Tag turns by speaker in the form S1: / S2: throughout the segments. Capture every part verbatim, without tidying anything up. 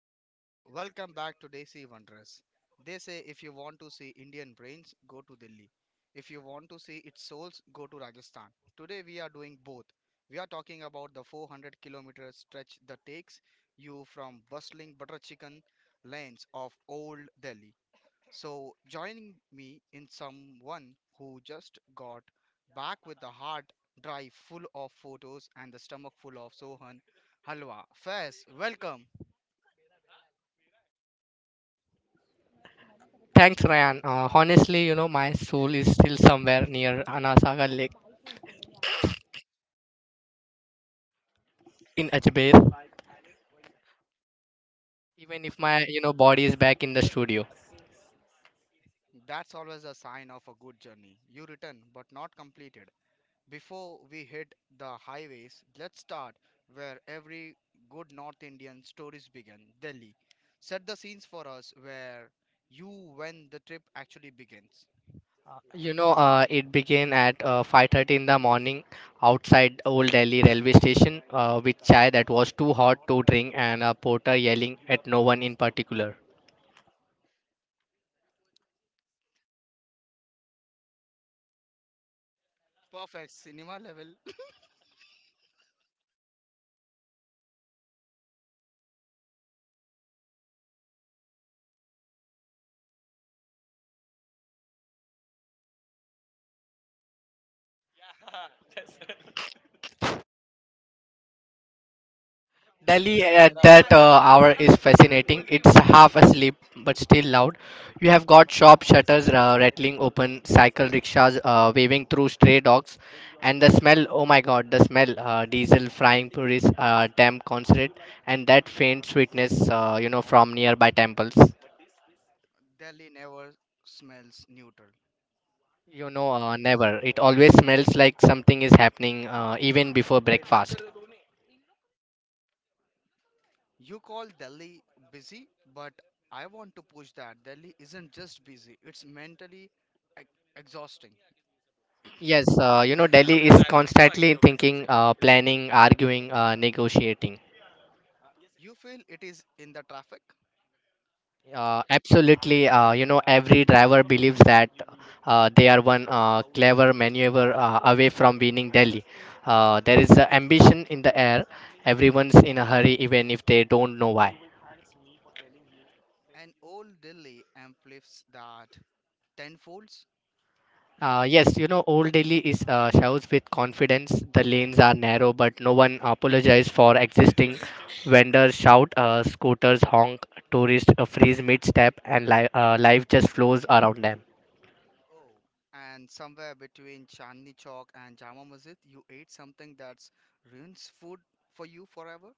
S1: everyone, welcome back to Desi Wonders. They say if you want to see Indian brains, go to Delhi. If you want to see its souls, go to Rajasthan. Today we are doing both. We are talking about the four hundred kilometer stretch that takes you from bustling butter chicken lanes of old Delhi. So joining me in someone who just got back with the heart drive full of photos and the stomach full of Sohan Halwa. Faiz, welcome.
S2: Thanks, Ryan. Uh, honestly, you know, my soul is still somewhere near Anasaga Lake in Ajmer, even if my, you know, body is back in the studio.
S1: That's always a sign of a good journey. You return but not completed. Before we hit the highways, let's start where every good North Indian stories begin, Delhi. Set the scenes for us where you when the trip actually begins.
S2: You know, uh, it began at uh, five thirty in the morning outside Old Delhi railway station uh, with chai that was too hot to drink and a porter yelling at no one in particular.
S1: Perfect cinema level.
S2: Delhi at that uh, hour is fascinating. It's half asleep but still loud. You have got shop shutters uh, rattling open, cycle rickshaws uh, waving through stray dogs, and the smell, oh my god, the smell, uh, diesel frying puris, uh, damn concentrate, and that faint sweetness, uh, you know from nearby temples.
S1: Delhi never smells neutral.
S2: You know, uh, never. It always smells like something is happening uh, even before breakfast.
S1: You call Delhi busy, but I want to push that Delhi isn't just busy, it's mentally e- exhausting.
S2: Yes, uh, you know, Delhi is constantly thinking, uh, planning, arguing, uh, negotiating.
S1: You feel it is in the traffic.
S2: Uh, absolutely. Uh, you know, every driver believes that uh, they are one uh, clever maneuver uh, away from winning Delhi. Uh, there is a ambition in the air. Everyone's in a hurry, even if they don't know why.
S1: An old Delhi amplifies that tenfolds.
S2: Uh, yes, you know, Old Delhi is uh, shouts with confidence. The lanes are narrow, but no one apologizes for existing. Vendors shout, uh, scooters honk, tourists uh, freeze mid-step, and li- uh, life just flows around them.
S1: Oh, and somewhere between Chandni Chowk and Jama Masjid, you ate something that's ruins food for you forever.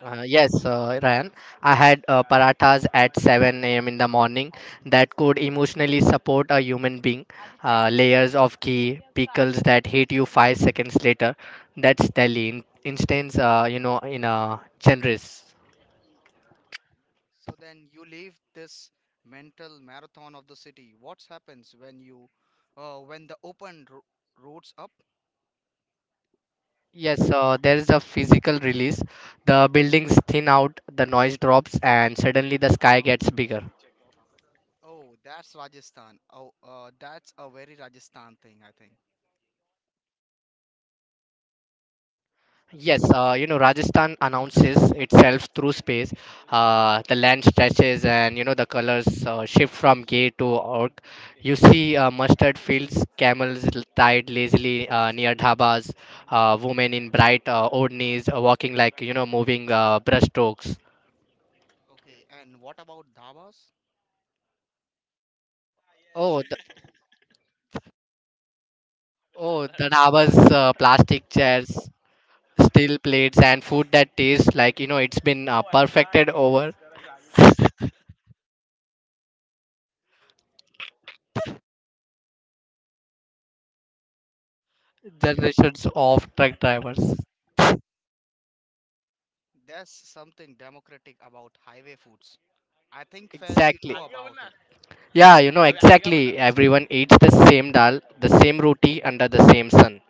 S2: Uh, yes, uh, Ryan, I had uh, parathas at seven a m in the morning that could emotionally support a human being. Uh, layers of ghee, pickles that hit you five seconds later. That's Delhi. In instance, uh, you know, in a generous.
S1: So then you leave this mental marathon of the city. What happens when you, uh, when the open ro- roads up?
S2: Yes, uh, there is a physical release. The buildings thin out, the noise drops, and suddenly the sky gets bigger.
S1: Oh, that's Rajasthan. Oh, uh, that's a very Rajasthan thing, I think.
S2: Yes, uh, you know, Rajasthan announces itself through space. Uh, the land stretches and, you know, the colors uh, shift from gray to orc. You see uh, mustard fields, camels l- tied lazily uh, near dhabas, uh, women in bright uh, odhnis uh, walking like, you know, moving uh, brushstrokes.
S1: Okay, and what about dhabas?
S2: Oh, the, oh, the dhabas, uh, plastic chairs, steel plates, and food that tastes like, you know, it's been uh, perfected over generations of truck drivers.
S1: There's something democratic about highway foods. I think Faz, you
S2: Exactly.
S1: know about it.
S2: Yeah, you know exactly. Everyone eats the same dal, the same roti under the same sun.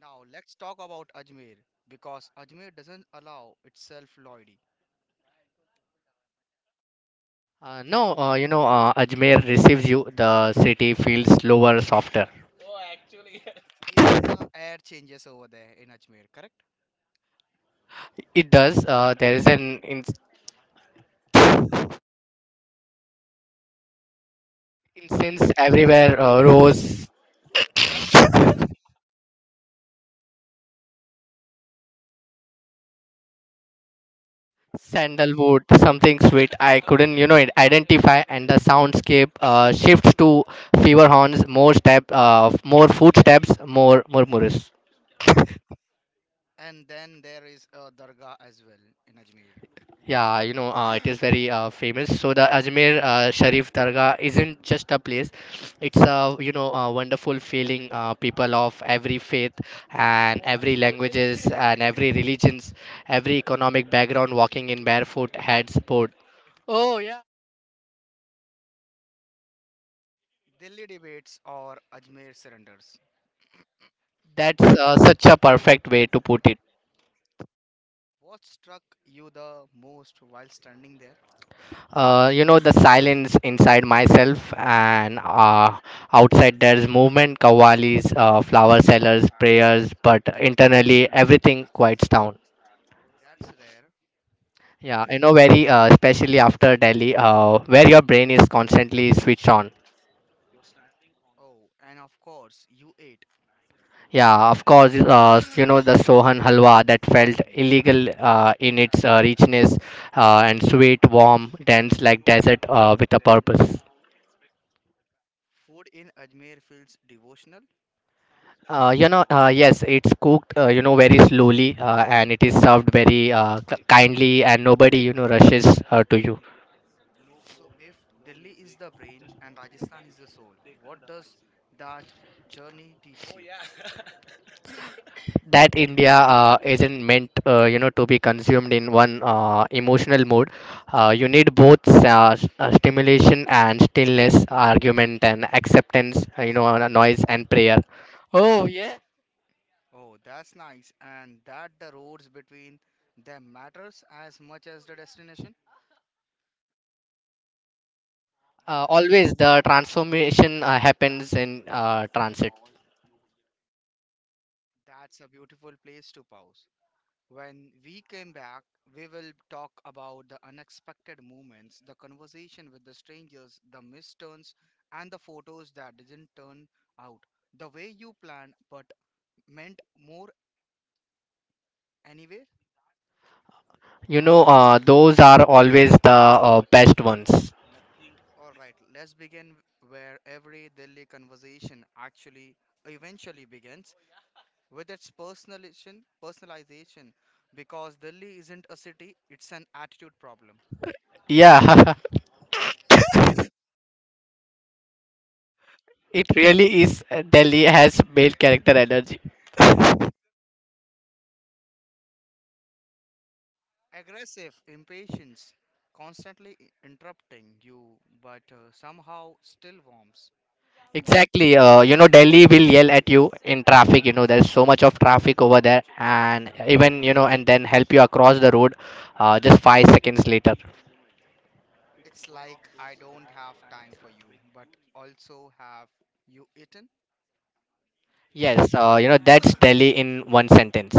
S1: Now let's talk about Ajmer because Ajmer doesn't allow itself loyalty.
S2: Uh, no, uh, you know uh, Ajmer receives you. The city feels slower, softer.
S1: Even the air changes over there in Ajmer, correct?
S2: It does. Uh, there is an in- incense everywhere. Uh, rose, sandalwood, something sweet. I couldn't, you know, it- identify. And the soundscape uh, shifts to fever horns, more step, uh, more footsteps, more murmurs.
S1: And then there is a dargah as well in Ajmer.
S2: Yeah, you know, uh, it is very uh, famous. So the Ajmer uh, Sharif Dargah isn't just a place; it's a you know a wonderful feeling. Uh, people of every faith and every languages and every religions, every economic background, walking in barefoot heads board. Oh yeah,
S1: Delhi debates or Ajmer surrenders.
S2: that's uh, such a perfect way to put it.
S1: What struck you the most while standing there?
S2: Uh, you know the silence inside myself and uh, outside there's movement kavalis, uh, flower sellers, prayers, but internally everything quiets down.
S1: That's rare.
S2: Yeah, you know very uh, especially after delhi uh, where your brain is constantly switched on.
S1: Oh, and of course, you ate.
S2: Yeah, of course, uh, you know the sohan halwa that felt illegal uh, in its uh, richness uh, and sweet, warm, dense, like desert uh, with a purpose.
S1: Food in Ajmer feels devotional.
S2: Uh, you know, uh, yes, it's cooked, uh, you know, very slowly, uh, and it is served very uh, k- kindly, and nobody, you know, rushes uh, to you.
S1: So, if Delhi is the brain and Rajasthan is the soul, what does that journey teach you?
S2: That India uh, isn't meant, uh, you know, to be consumed in one uh, emotional mode. Uh, you need both, uh, s- uh, stimulation and stillness, argument and acceptance, uh, you know, uh, noise and prayer. Oh yeah.
S1: Oh, that's nice. And that the roads between them matters as much as the destination.
S2: Uh, always the transformation uh, happens in uh, transit.
S1: That's a beautiful place to pause. When we came back, we will talk about the unexpected moments, the conversation with the strangers, the misturns, and the photos that didn't turn out the way you planned but meant more anyway.
S2: You know, uh, those are always the uh, best ones.
S1: All right, let's begin where every Delhi conversation actually eventually begins with its personalization, personalization because Delhi isn't a city, it's an attitude problem.
S2: Yeah, it really is. uh, Delhi has made character energy.
S1: Aggressive, impatience, constantly i- interrupting you, but uh, somehow still warms.
S2: Exactly. Uh, you know, Delhi will yell at you in traffic. You know, there's so much of traffic over there, and even, you know, and then help you across the road, uh, just five seconds later.
S1: It's like I don't have time for you, but also have you eaten?
S2: Yes. Uh, you know, that's Delhi in one sentence.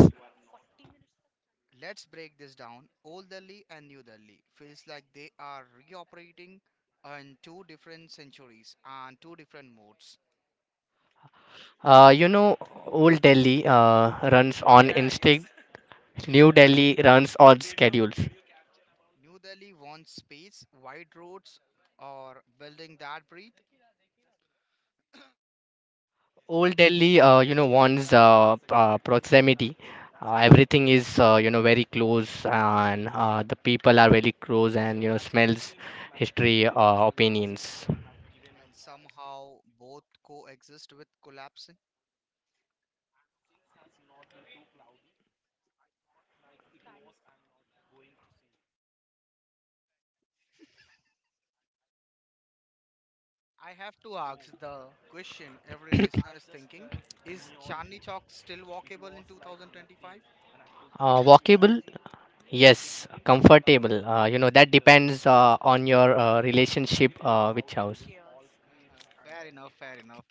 S1: Let's break this down. Old Delhi and New Delhi feels like they are reoperating in two different centuries and two different modes.
S2: Uh, you know, Old Delhi uh, runs on instinct. New Delhi runs on schedules.
S1: New Delhi wants space, wide roads, or building that breathe,
S2: Old Delhi, uh, you know, one's uh, p- uh, proximity. Uh, everything is, uh, you know, very close, and uh, the people are very close, and, you know, smells, history, uh, opinions.
S1: and somehow both coexist with collapsing. I have to ask the question every listener is thinking is Chandni Chowk still walkable in two thousand twenty-five?
S2: Uh, walkable, yes. Comfortable, uh, you know, that depends uh, on your uh, relationship uh, with house.
S1: Uh-huh, fair enough, fair enough.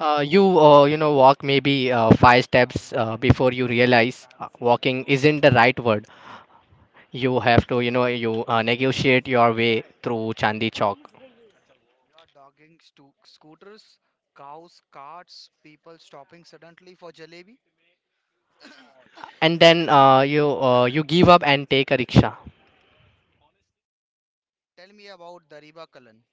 S2: Uh, you, uh, you know, walk maybe uh, five steps uh, before you realize uh, walking isn't the right word. You have to, you know, you uh, negotiate your way through Chandni Chowk.
S1: You're dogging stu- scooters, cows, carts, people stopping suddenly for jalebi.
S2: And then uh, you uh, you give up and take a rickshaw.
S1: Tell me about Dariba Kalan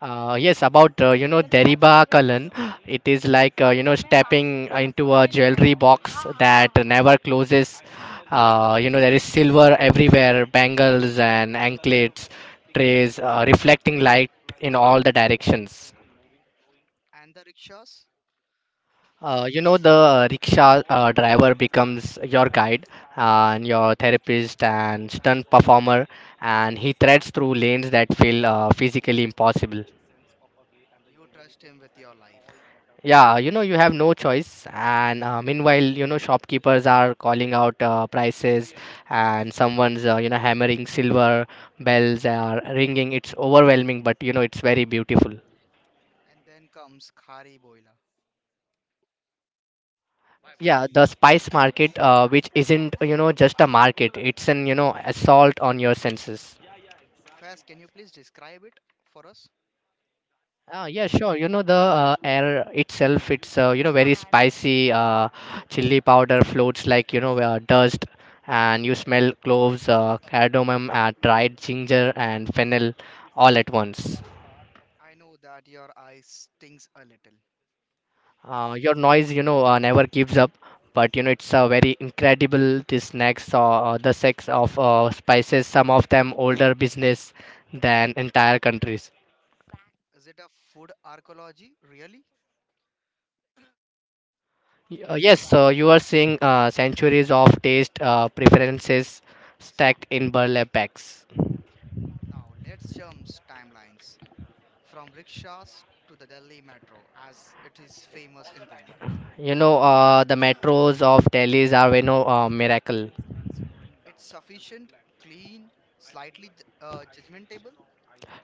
S2: Uh, yes, about uh, you know Deriba Kalan, it is like, uh, you know stepping into a jewelry box that never closes. Uh, you know there is silver everywhere, bangles and anklets, trays, uh, reflecting light in all the directions.
S1: and the rickshaws.
S2: Uh, you know, the uh, rickshaw uh, driver becomes your guide uh, and your therapist and stunt performer, and he threads through lanes that feel uh, physically impossible.
S1: You trust him with your life.
S2: Yeah, you know, you have no choice. And uh, meanwhile, you know, shopkeepers are calling out uh, prices, and someone's, uh, you know, hammering silver, bells are ringing. It's overwhelming, but, you know, it's very beautiful.
S1: And then comes Khari Boila.
S2: Yeah, the spice market, uh, which isn't, you know, just a market, it's an, you know, assault on your senses.
S1: First, can you please describe it for us?
S2: Ah, yeah, sure. You know the uh, air itself, it's uh, you know very spicy. Uh, chili powder floats like, you know uh, dust, and you smell cloves, uh, cardamom, uh, dried ginger, and fennel all at once.
S1: I know that your eye stings a little.
S2: Uh, your noise, you know, uh, never gives up. But, you know it's uh, very incredible. This next, or uh, the sex of uh, spices. Some of them older business than entire countries.
S1: Is it a food archaeology, really?
S2: Y- Uh, yes, so you are seeing uh, centuries of taste uh, preferences stacked in burlap bags.
S1: Now, let's jump timelines from rickshaws to the Delhi metro as it is famous in Delhi.
S2: You know, uh, the metros of Delhi's are, you know, uh, miracle.
S1: It's sufficient, clean, slightly j- uh, judgmentable.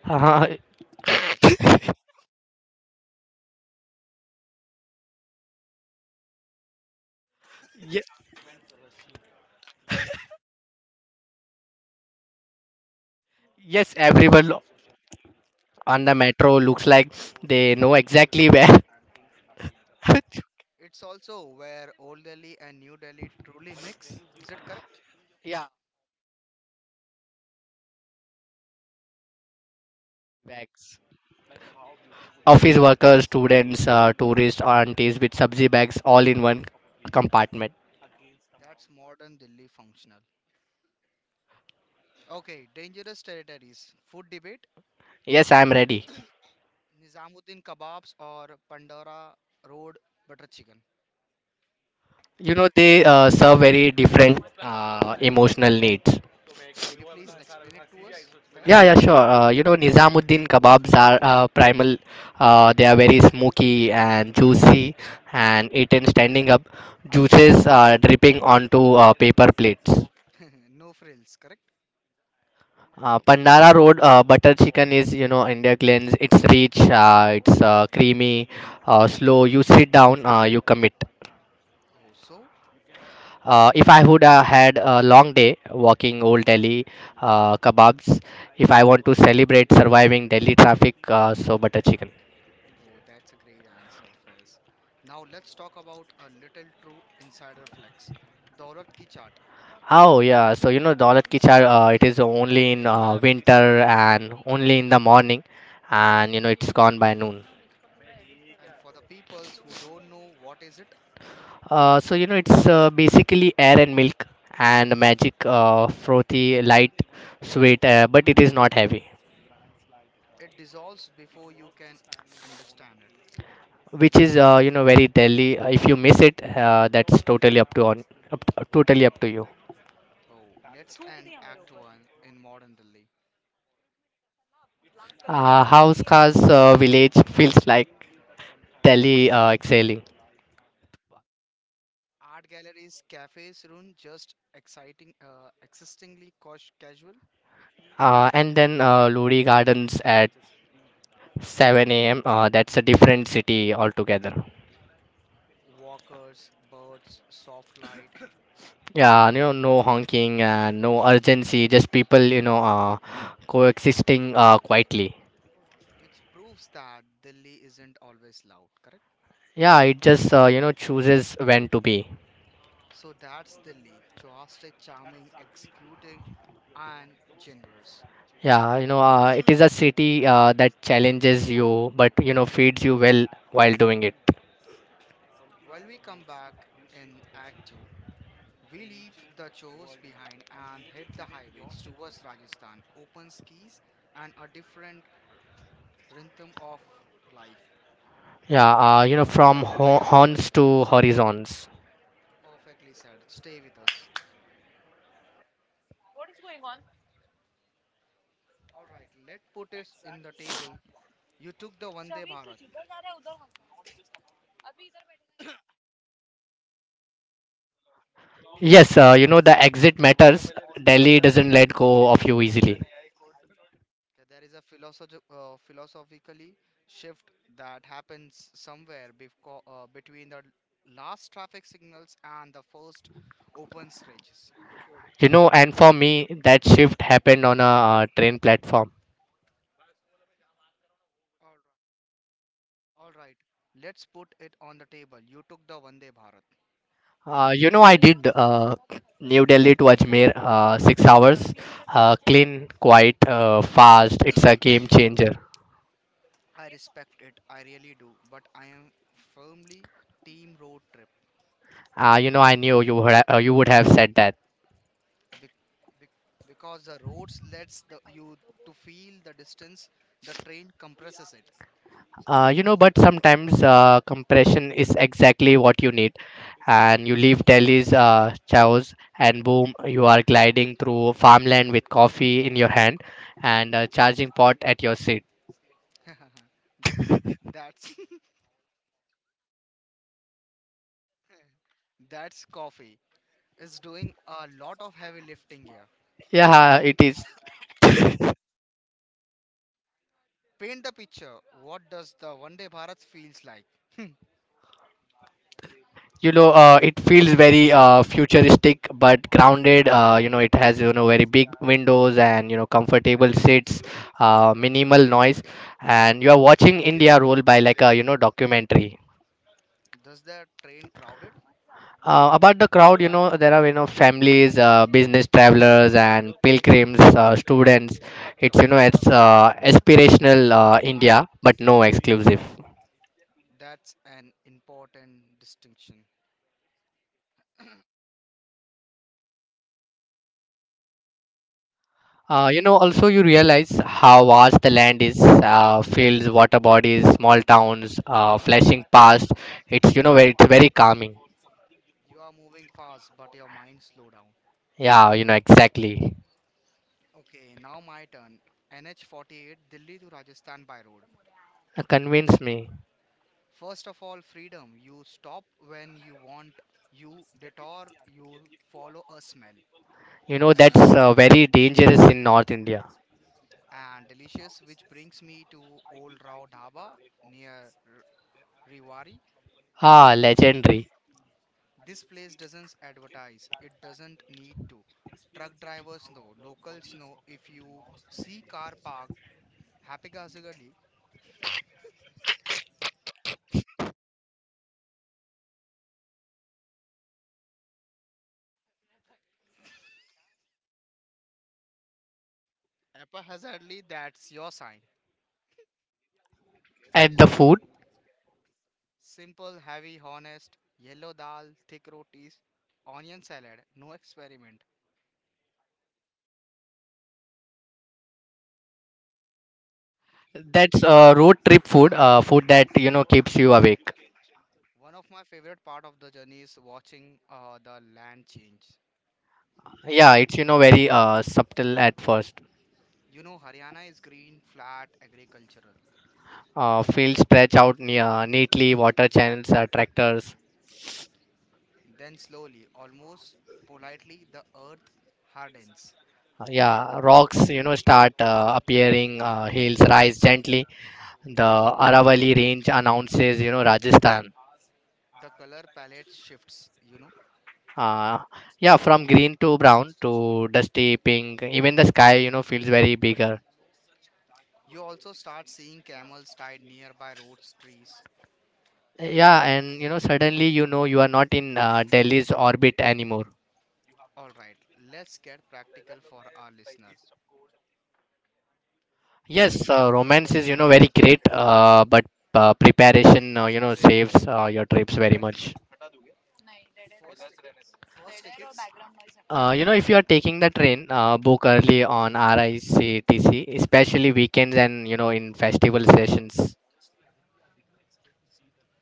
S2: Uh, ye- yes, everyone on the metro looks like they know exactly where.
S1: It's also where Old Delhi and New Delhi truly mix. Is it correct?
S2: Yeah, bags. Office workers, students, uh, tourists, aunties with subzi bags, all in one compartment.
S1: That's modern Delhi functional. Okay, dangerous territories. Food debate.
S2: Yes, I am ready.
S1: Nizamuddin kebabs or Pandora Road butter chicken.
S2: You know, they uh, serve very different uh, emotional needs.
S1: Can you please explain it to us,
S2: Yeah,
S1: Fez?
S2: yeah, sure. Uh, you know, Nizamuddin kebabs are uh, primal. Uh, they are very smoky and juicy and eaten standing up, juices uh, dripping onto uh, paper plates.
S1: No frills, correct?
S2: Uh, Pandara Road uh, butter chicken is, you know, India Glen's. It's rich, uh, it's uh, creamy, uh, slow. You sit down, uh, you commit.
S1: Oh, so?
S2: Uh, if I would have had a long day walking old Delhi, uh, kebabs, if I want to celebrate surviving Delhi traffic, uh, so butter chicken.
S1: Oh, that's a great answer, Fez. Now let's talk about a little true insider flex. Daulat ki chaat.
S2: Oh yeah, so, you know Daulat ki chai, uh, it is only in uh, winter and only in the morning, and, you know it's gone by noon.
S1: And for the peoples who don't know what is it,
S2: Uh, so, you know it's uh, basically air and milk and magic, uh, frothy, light, sweet, uh, but it is not heavy,
S1: it dissolves before you can understand it.
S2: which is uh, you know very Delhi. If you miss it, uh, that's totally up to on, up, totally up to you.
S1: Oh, let's end Act one in modern Delhi.
S2: Uh, House Khas uh, village feels like Delhi uh, exhaling.
S1: Art galleries, cafes, run just exciting, uh, existingly cos- casual.
S2: Uh, and then uh, Lodi Gardens at seven a m. Uh, that's a different city altogether.
S1: Walkers, birds, soft light,
S2: Yeah, you know, no honking, uh, no urgency, just people, you know, uh, coexisting uh, quietly.
S1: which proves that Delhi isn't always loud, correct?
S2: Yeah, it just, uh, you know, chooses when to be.
S1: So that's Delhi, choastic, charming, executing, and generous.
S2: Yeah, you know, uh, it is a city uh, that challenges you, but, you know, feeds you well while doing it.
S1: When we come back in Act two, we leave the chores behind and hit the highways towards Rajasthan, open skis, and a different rhythm of life.
S2: Yeah, uh, you know, from ho- horns to horizons.
S1: Perfectly said. Stay with us. All right, let's put it in the table. You took the Vande Bharat.
S2: Yes, uh, you know, the exit matters. Delhi doesn't let go of you easily.
S1: Okay, there is a philosoph- uh, philosophically shift that happens somewhere befco- uh, between the last traffic signals and the first open scratches.
S2: You know, and for me, that shift happened on a uh, train platform.
S1: All right. All right. Let's put it on the table. You took the Vande Bharat.
S2: Uh, you know, I did uh, New Delhi to Ajmer, uh, six hours, uh, clean, quiet, uh, fast. It's a game changer.
S1: I respect it, I really do, but I am firmly team road trip
S2: Uh, you know, I knew you would ha- uh, you would have said that.
S1: bec- bec- because the roads lets the you to feel the distance, the train compresses it.
S2: Uh, you know, but sometimes, uh, compression is exactly what you need, and you leave Delhi's uh, chaos, and boom, you are gliding through farmland with coffee in your hand and a charging pot at your seat.
S1: that's that's coffee is doing a lot of heavy lifting here.
S2: Yeah, it is.
S1: Paint the picture. What does the Vande Bharat feels like? Hmm.
S2: You know uh, it feels very uh, futuristic but grounded. Uh, you know it has, you know very big windows and, you know comfortable seats, uh, minimal noise, and you are watching india roll by like a, you know documentary.
S1: Does the train crowded?
S2: Uh, about the crowd, you know there are, you know families, uh, business travelers and pilgrims, uh, students. It's you know it's uh, aspirational, uh, india but no exclusive.
S1: That's an important distinction.
S2: Uh, you know, also you realize how vast the land is, uh, fields, water bodies, small towns, uh, flashing past. It's, you know, very, it's very calming.
S1: You are moving fast, but your mind slow down.
S2: Yeah, you know, exactly.
S1: Okay, now my turn. N H forty-eight Delhi to Rajasthan by road.
S2: Uh, convince me.
S1: First of all, freedom. You stop when you want, you detour, you follow a smell.
S2: You know, that's uh, very dangerous in North India.
S1: And delicious, which brings me to Old Rao Dhaba near R- Rewari.
S2: Ah, legendary.
S1: This place doesn't advertise, it doesn't need to. Truck drivers know, locals know if you see car parked haphazardly, haphazardly, that's your sign.
S2: And the food,
S1: Simple, heavy, honest, yellow dal, thick rotis, onion salad, no experiment.
S2: that's uh, road trip food, uh, food that, you know, keeps you awake.
S1: One of my favorite part of the journey is watching uh, the land change.
S2: Yeah, it's, you know, very uh, subtle at first.
S1: You know, Haryana is green, flat, agricultural.
S2: Uh, fields stretch out near, neatly, water channels, uh, tractors.
S1: Then slowly, almost politely, the earth hardens.
S2: Yeah, rocks, you know, start uh, appearing, uh, hills rise gently. The Aravalli range announces, you know, Rajasthan.
S1: The color palette shifts, you know.
S2: Uh, yeah, from green to brown to dusty pink, even the sky, you know, feels very bigger.
S1: You also start seeing camels tied nearby roads, trees.
S2: Yeah, and you know, suddenly you know you are not in uh, Delhi's orbit anymore.
S1: All right, let's get practical for our listener.
S2: Yes, uh, romance is, you know, very great, uh, but uh, preparation, uh, you know, saves uh, your trips very much.
S1: First, first tickets.
S2: Uh, you know, if you are taking the train, uh, book early on R I C T C, especially weekends and you know in festival sessions.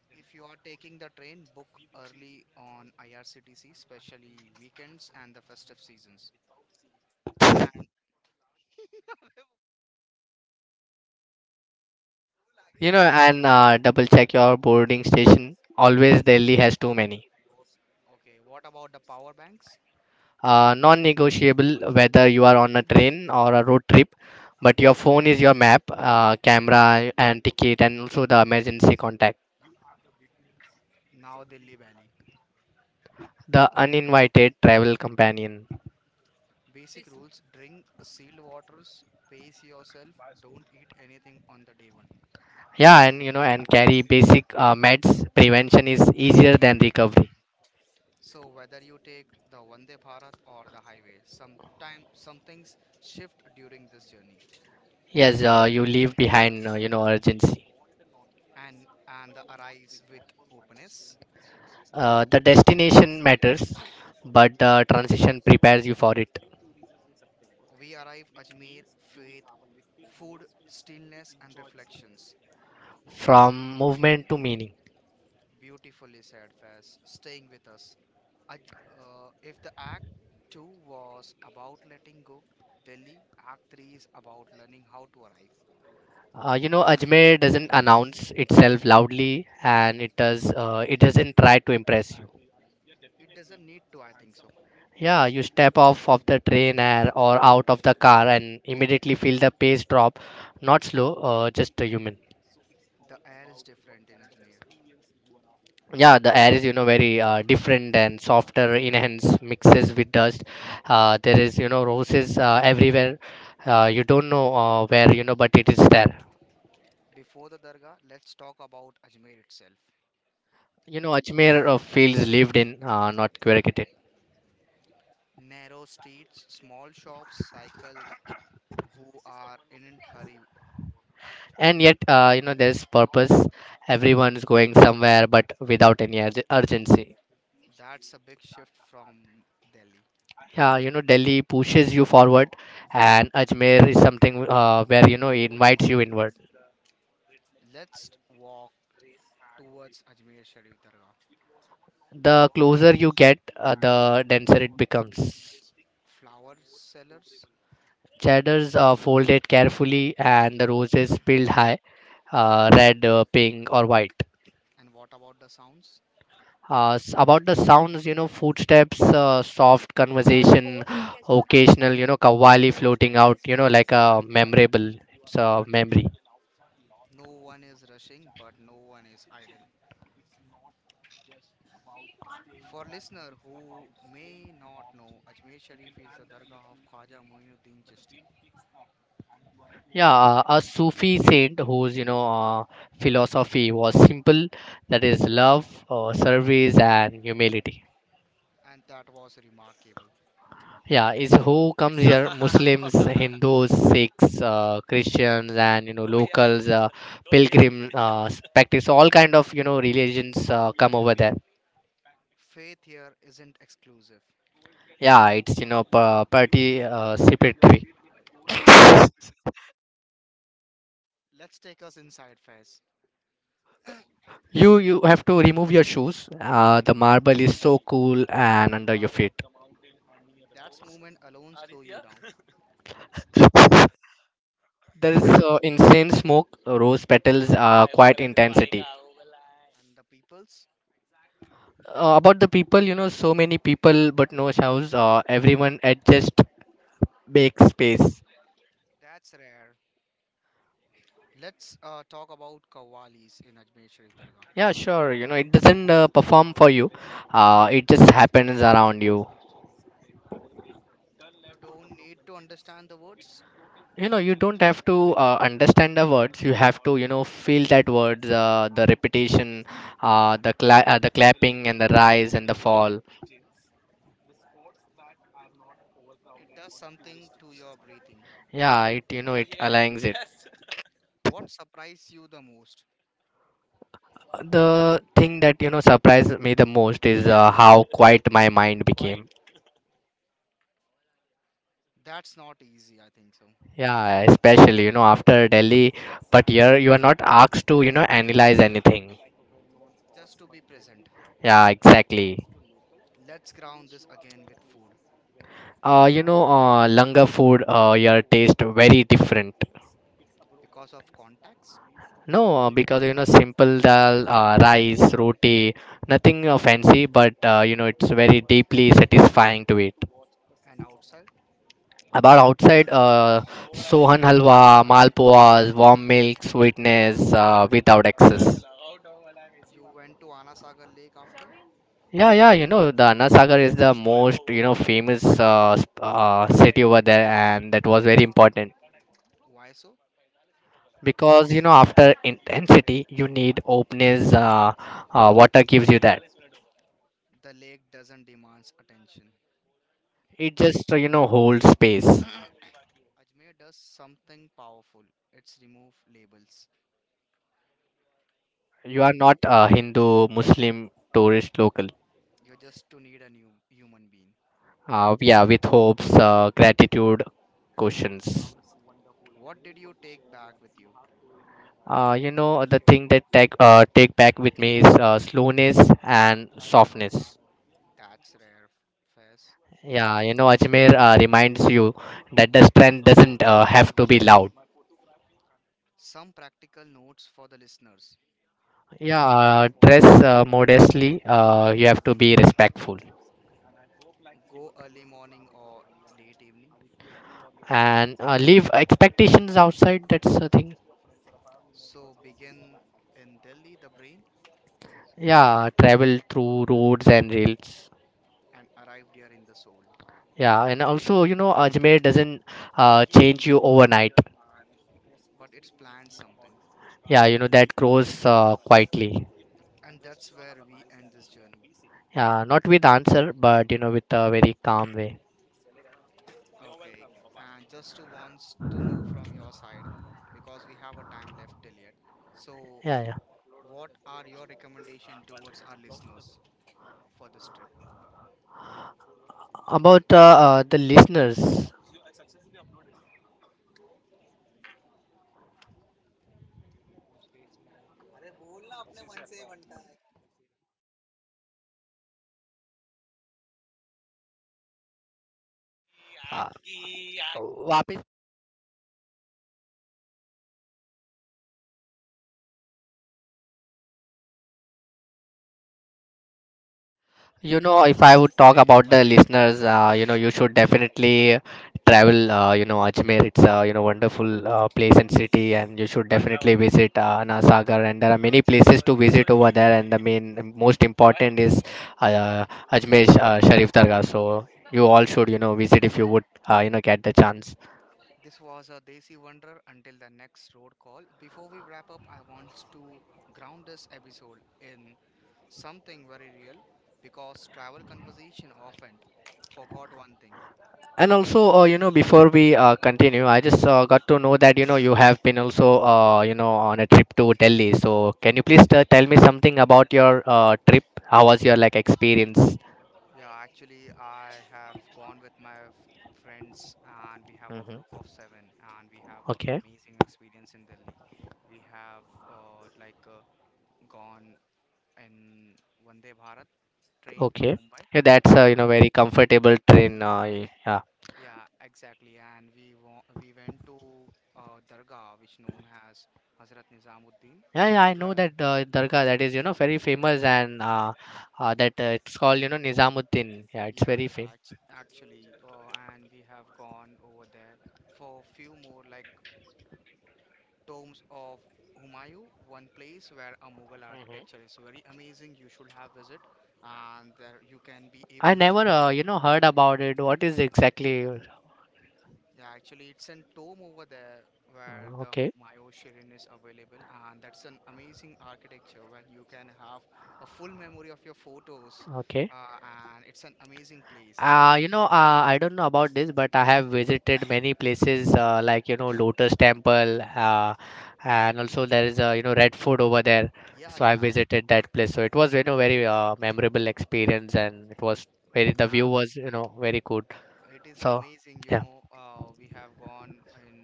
S1: If you are taking the train, book early on I R C T C, especially weekends and the festive seasons. And
S2: You know, and uh, double check your boarding station. Always Delhi has too many.
S1: okay, what about the power banks?
S2: Uh, non-negotiable whether you are on a train or a road trip, but your phone is your map, uh, camera and ticket, and also the emergency contact,
S1: Now Delhi Valley.
S2: the uninvited travel companion.
S1: Basic rules, drink sealed waters, pace yourself, don't eat anything on the day one.
S2: Yeah, and you know, and carry basic uh, meds. Prevention is easier than recovery.
S1: So whether you take the Vande Bharat or the highway, sometime some things shift during this journey.
S2: Yes, uh, you leave behind, uh, you know, urgency.
S1: And and the arrives with openness.
S2: Uh, the destination matters, but the transition prepares you for it
S1: We arrive Ajmer faith food, stillness, and reflections.
S2: from movement to meaning.
S1: Beautifully said, Faz, staying with us. I j- uh, if the act two was about letting go, Delhi act three is about learning how to arrive.
S2: Uh, you know, Ajmer doesn't announce itself loudly, and it does. Uh, it doesn't try to impress you.
S1: It doesn't need to, I think so.
S2: Yeah, you step off of the train or, or out of the car and immediately feel the pace drop. Not slow, uh, just a human.
S1: The air is different in Ajmer.
S2: Yeah, the air is you know very uh, different and softer enhanced mixes with dust. Uh, there is, you know roses uh, everywhere. Uh, you don't know uh, where you know but it is there.
S1: Before the Dargah, let's talk about Ajmer itself.
S2: You know ajmer uh, feels lived in, uh, not curated.
S1: Narrow streets, small shops, cycle, who are in a hurry.
S2: And yet, uh, you know there's purpose. Everyone's going somewhere but without any urge- urgency.
S1: That's a big shift from Delhi.
S2: Yeah, you know Delhi pushes you forward, and Ajmer is something uh, where you know it invites you inward.
S1: Let's walk towards Ajmer Sharif Dargah.
S2: The closer you get, uh, the denser it becomes.
S1: Flower sellers.
S2: Cheddars are folded carefully and the roses peeled high, uh, red, uh, pink, or white.
S1: And what about the sounds?
S2: Uh, s- about the sounds, you know, footsteps, uh, soft conversation, occasional, you know, kawali floating out, you know, like a memorable, it's a memory.
S1: No one is rushing, but no one is idle. For listener who may not know, Ajmer Sharif is the Dargah of Khwaja Muinuddin Chishti,
S2: Yeah, uh, a Sufi saint whose, you know, uh, philosophy was simple, that is love, uh, service, and humility.
S1: and that was remarkable.
S2: Yeah, is who comes here Muslims, Hindus, Sikhs, uh, Christians, and you know locals, uh, pilgrim, uh, practice all kind of you know religions uh, come over there.
S1: Faith here isn't exclusive.
S2: Yeah, it's you know pa- participatory.
S1: Let's take us inside, Faiz.
S2: You you have to remove your shoes. Uh, the marble is so cool and under your feet.
S1: That's movement alone slow you down.
S2: There is uh, insane smoke, rose petals, uh, quite intensity.
S1: And the peoples?
S2: Uh, about the people, you know so many people but no shows. Uh, everyone adjust, make space.
S1: That's rare. Let's uh, talk about Kawalis in Ajmer Sharif Dargah.
S2: Yeah, sure. You know, it doesn't uh, perform for you. Uh, it just happens around you.
S1: You don't need to understand the words.
S2: You know, you don't have to uh, understand the words. You have to, you know, feel that words, uh, the repetition, uh, the cla- uh, the clapping and the rise and the fall.
S1: It does something to your breathing.
S2: Yeah, it you know it aligns it.
S1: What surprised you the most?
S2: Uh, The thing that you know surprised me the most is uh, how quiet my mind became.
S1: That's not easy, I think so.
S2: Yeah, especially you know after Delhi, but here you are not asked to you know analyze anything.
S1: Just to be present.
S2: Yeah, exactly.
S1: Let's ground this again with food.
S2: Uh, you know, uh, Langa food, uh, your taste very different.
S1: Because of contacts
S2: No, uh, because you know, simple dal, uh, rice, roti, nothing uh, fancy, but uh, you know, it's very deeply satisfying to eat.
S1: and outside,
S2: About outside, uh, Sohan halwa, malpuas, warm milk, sweetness, uh, without excess.
S1: you went to Anasagar Lake after?
S2: Yeah, yeah, you know, the Anna Sagar is the most, you know, famous uh, sp- uh, city over there, and that was very important.
S1: Why so?
S2: Because you know after intensity you need openness. Uh, uh, water gives you that.
S1: The lake doesn't demand attention.
S2: It just uh, you know holds space.
S1: Ajmer does something powerful. It's remove labels.
S2: You are not a Hindu, Muslim, tourist, local.
S1: You just to need a new human being.
S2: Uh, yeah, with hopes, uh, gratitude, questions.
S1: What did you take back with you?
S2: Uh, you know the thing that take, uh, take back with me is uh, slowness and softness.
S1: That's rare, Faiz.
S2: Yeah, you know Ajmer uh, reminds you that the strength doesn't uh, have to be loud.
S1: Some practical notes for the listeners.
S2: Yeah, uh, dress uh, modestly. Uh, you have to be respectful.
S1: Go early morning or late evening.
S2: And uh, leave expectations outside. That's the thing.
S1: So began in Delhi, the brain,
S2: Yeah, travel through roads and rails.
S1: and arrived here in the soul.
S2: Yeah, and also you know Ajmer doesn't uh, change you overnight.
S1: But it's planned something.
S2: Yeah, you know that grows uh, quietly.
S1: And that's where we end this journey.
S2: Yeah, not with answer but you know with a very calm way.
S1: Okay. And just to wants to know from your side, because we have a time left till yet. So
S2: Yeah, yeah.
S1: what are your recommendation towards our listeners for this trip?
S2: About uh, uh, the listeners. uh, You know, if I would talk about the listeners, uh, you know, you should definitely travel. Uh, you know, Ajmer, it's a you know wonderful uh, place and city, and you should definitely visit uh, Anasagar. And there are many places to visit over there, and the main most important is uh, Ajmer uh, Sharif Dargah. So you all should you know visit if you would uh, you know get the chance.
S1: This was a Desi Wonder until the next road call. Before we wrap up, I want to ground this episode in something very real because travel conversation often forgot one thing.
S2: And also, uh, you know, before we uh, continue, I just uh, got to know that you know you have been also uh, you know on a trip to Delhi. So can you please t- tell me something about your uh, trip? How was your like experience?
S1: Yeah, actually, I have gone with my f- friends and we have a group of
S2: Hmm.
S1: seven and we have an
S2: Okay,
S1: amazing experience in Delhi. We have uh, like uh, gone in Vande Bharat train from
S2: okay.
S1: Mumbai.
S2: Yeah, that's
S1: Uh,
S2: uh, you know very comfortable train. Uh,
S1: yeah,
S2: y- yeah,
S1: yeah, exactly. And we wa- we went to uh, Dargah, which known as Hazrat Nizamuddin.
S2: yeah, yeah. I
S1: Where.
S2: know that uh, Darga that is you know very famous and uh, uh, that uh, it's called, you know Nizamuddin. Yeah,
S1: Yeah,
S2: it's
S1: yeah,
S2: very famous.
S1: act actually, uh, and we have gone over there for a few more like tombs of Humayun, one place where a Mughal architecture is very amazing. You should have visit, and there you can be able
S2: I never
S1: to
S2: uh,
S1: click.
S2: you know heard about it. What is exactly?
S1: Yeah, actually, it's a tomb over there where the
S2: uh, Okay,
S1: Humayun Shirin is available, and that's an amazing architecture where you can have a full memory of your photos,
S2: okay.
S1: uh, and it's an amazing place. Also,
S2: Uh, you know, uh, I don't know about this, but I have visited many places uh, like, you know, Lotus Temple, uh, and also there is a, you know, Red Fort over there.
S1: yeah,
S2: So
S1: yeah,
S2: I visited that place. So it was, you know, very uh, memorable experience and it was very, the
S1: yeah.
S2: view was, you know, very good.
S1: It is
S2: So,
S1: amazing, you
S2: yeah,
S1: know. Uh, we have gone in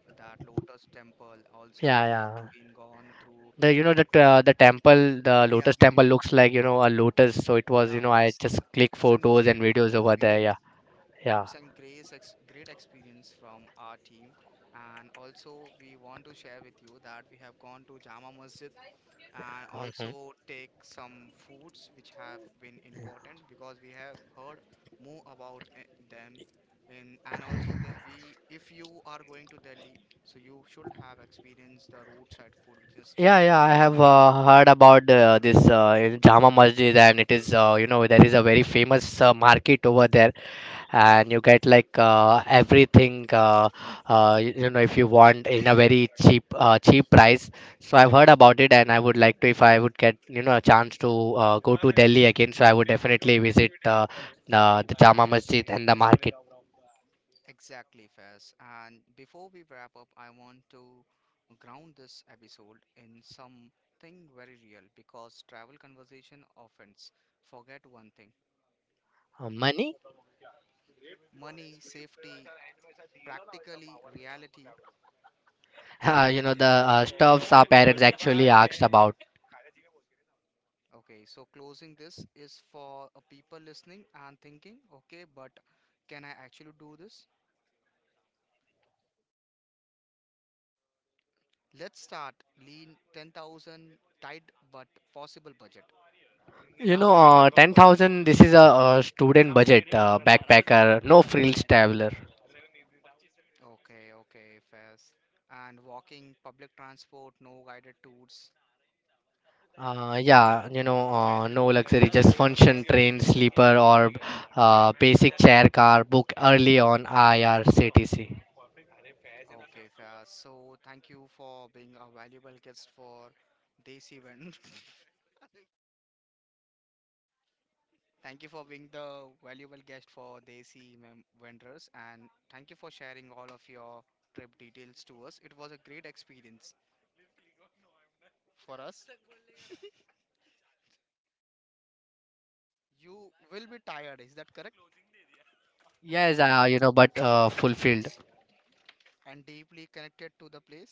S1: that Lotus Temple. Also, we
S2: yeah,
S1: have
S2: yeah.
S1: been gone through
S2: The, you
S1: Red
S2: know, the, t- uh, the temple, the
S1: India
S2: Lotus
S1: Gate.
S2: Temple looks like, you know, a lotus. So it
S1: Yeah,
S2: was, you know,
S1: it's
S2: I
S1: an,
S2: just
S1: it's
S2: click
S1: a great
S2: photos and videos over
S1: experience.
S2: there. Yeah,
S1: It's a
S2: yeah.
S1: great ex great experience from our team. And also, we want to share with you that we have gone to Jama Masjid and also take some foods which have been important because we have heard more about eh, them in. And also the, we if you are going to Delhi so you should have experienced the roadside food which is street
S2: Yeah,
S1: food,
S2: yeah,
S1: it's
S2: I have
S1: amazing.
S2: uh, heard about uh, this uh, Jama Masjid, and it is, uh, you know, there is a very famous uh, market over there, and you get like uh, everything, uh, uh, y- you know, if you want in a very cheap, uh, cheap price. So I've heard about it, and I would like to, if I would get, you know, a chance to uh, go to Delhi again, so I would definitely visit uh, the, the Jama Masjid and the market.
S1: Exactly Faiz, and before we wrap up I want to ground this episode in something very real because travel conversation often forget one thing:
S2: Uh, money?
S1: money, safety, practically reality.
S2: Uh, you know, the uh, stuffs our parents actually asked about.
S1: Okay, so closing this is for uh, people listening and thinking, okay, but can I actually do this? Let's start lean ten thousand tight but possible budget.
S2: You know, uh, ten thousand, this is a, uh student budget, uh, backpacker, no frills traveler.
S1: Okay, okay, fast. And walking, public transport, no guided tours.
S2: Uh, yeah, you know, uh, no luxury, just function train, sleeper, or uh, basic chair car, book early on I R C T C.
S1: Okay, fast. So thank you for being a valuable guest for this event. Thank you for being the valuable guest for Desi Mem- Vendors and thank you for sharing all of your trip details to us. It was a great experience for us. You will be tired, is that correct?
S2: Yes, uh, you know, but uh, fulfilled.
S1: And deeply connected to the place.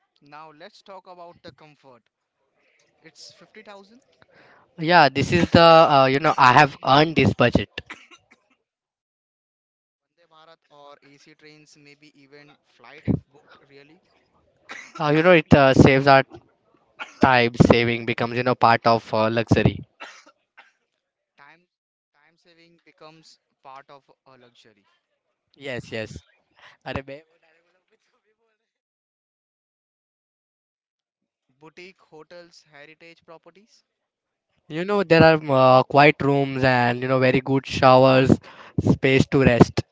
S1: Now let's talk about the comfort. It's fifty thousand
S2: Yeah, this is the, uh, you know, I have earned this budget.
S1: Vande Bharat or A C trains, maybe even flight if booked really.
S2: Uh, you know, it uh, saves our time, saving becomes, you know, part of uh, luxury.
S1: Time time saving becomes part of a luxury.
S2: Yes, yes. अरे बे
S1: Boutique hotels, heritage properties.
S2: You know, there are uh, quiet rooms and, you know, very good showers, space to rest.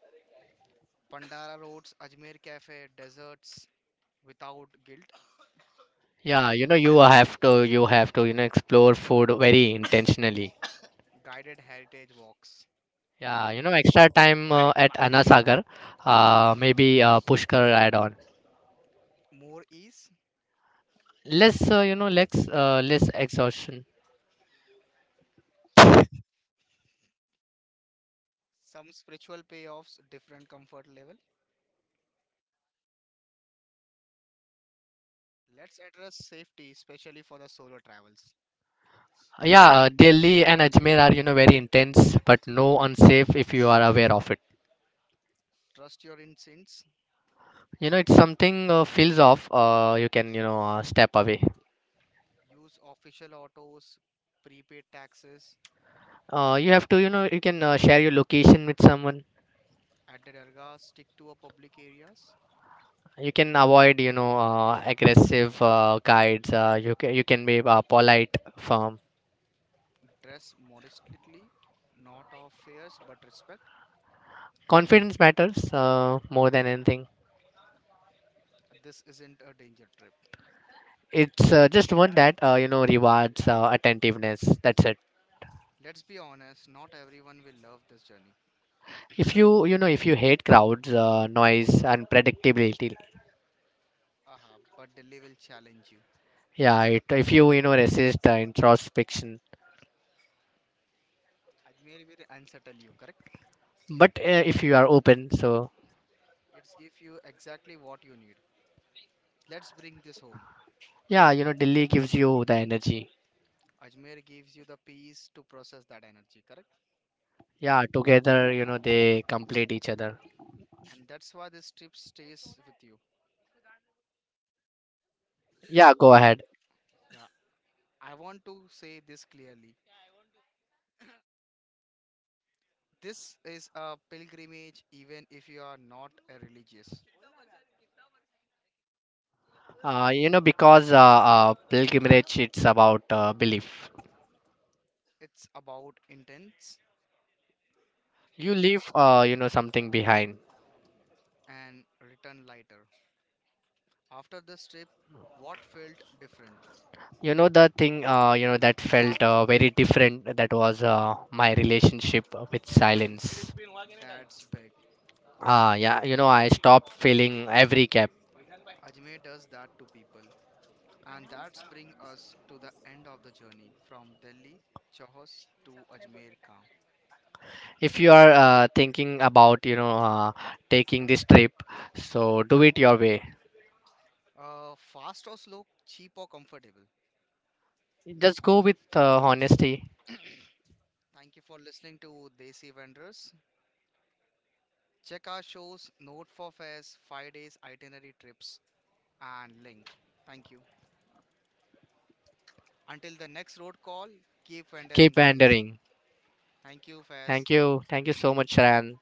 S1: Pandara Roads, Ajmer Cafe, Deserts Without Guilt,
S2: Yeah, you know, you have to, you have to, you know, explore food very intentionally.
S1: Guided Heritage Walks.
S2: Yeah, you know, extra time uh, at Anasagar, uh, maybe uh, Pushkar add on.
S1: More ease,
S2: Less, uh, you know, less, uh, Less exhaustion.
S1: some spiritual payoffs, different comfort level. Let's address safety, especially for the solo travels.
S2: Yeah, uh, Delhi and Ajmer are, you know, very intense, but no unsafe if you are aware of it.
S1: Trust your instincts,
S2: You know, it's something uh, feels off. Uh, you can, you know, uh, step away.
S1: use official autos, prepaid taxes.
S2: Uh, you have to, you know, you can uh, share your location with someone.
S1: At the Dargah, stick to a public areas,
S2: You can avoid, you know, uh, aggressive uh, guides. Uh, you can, you can be uh, polite, firm.
S1: dress modestly, not of fears but respect.
S2: Confidence matters uh, more than anything.
S1: This isn't a danger trip.
S2: It's uh, just one that uh, you know rewards uh, attentiveness. That's it.
S1: Let's be honest, not everyone will love this journey.
S2: If you, you know, if you hate crowds, uh, noise, and predictability,
S1: Aha, but Delhi will challenge you.
S2: yeah. It, if you, you know, resist uh, introspection,
S1: Ajmer will unsettle you, correct?
S2: but uh, if you are open, so
S1: It's give you exactly what you need. Let's bring this home.
S2: yeah, you know, Delhi gives you the energy.
S1: Ajmer gives you the peace to process that energy, correct?
S2: Yeah, together, you know, they complete each other.
S1: And that's why this trip stays with you.
S2: Yeah, go ahead.
S1: Yeah, I want to say this clearly. This is a pilgrimage even if you are not a religious.
S2: Uh, you know, because uh, uh, pilgrimage, it's about uh, belief.
S1: It's about intense
S2: You leave, uh, you know, something behind.
S1: and return lighter. After this trip, what felt different?
S2: You know, the thing, uh, you know, that felt uh, very different. That was uh, my relationship with silence.
S1: That's big.
S2: Ah, yeah, you know, I stopped feeling every cap.
S1: Ajmer does that to people. And that's bring us to the end of the journey from Delhi, Chahos to Ajmer Kam.
S2: If you are uh, thinking about, you know, uh, taking this trip, so do it your way.
S1: Uh, fast or slow, cheap or comfortable.
S2: Just go with uh, honesty.
S1: Thank you for listening to Desi Vendors. Check our shows, note for fares, five days itinerary trips and link. Thank you. Until the next road call, keep vendoring
S2: Keep
S1: guys.
S2: wandering.
S1: Thank you Fairs.
S2: Thank you. Thank you so much, Sharan.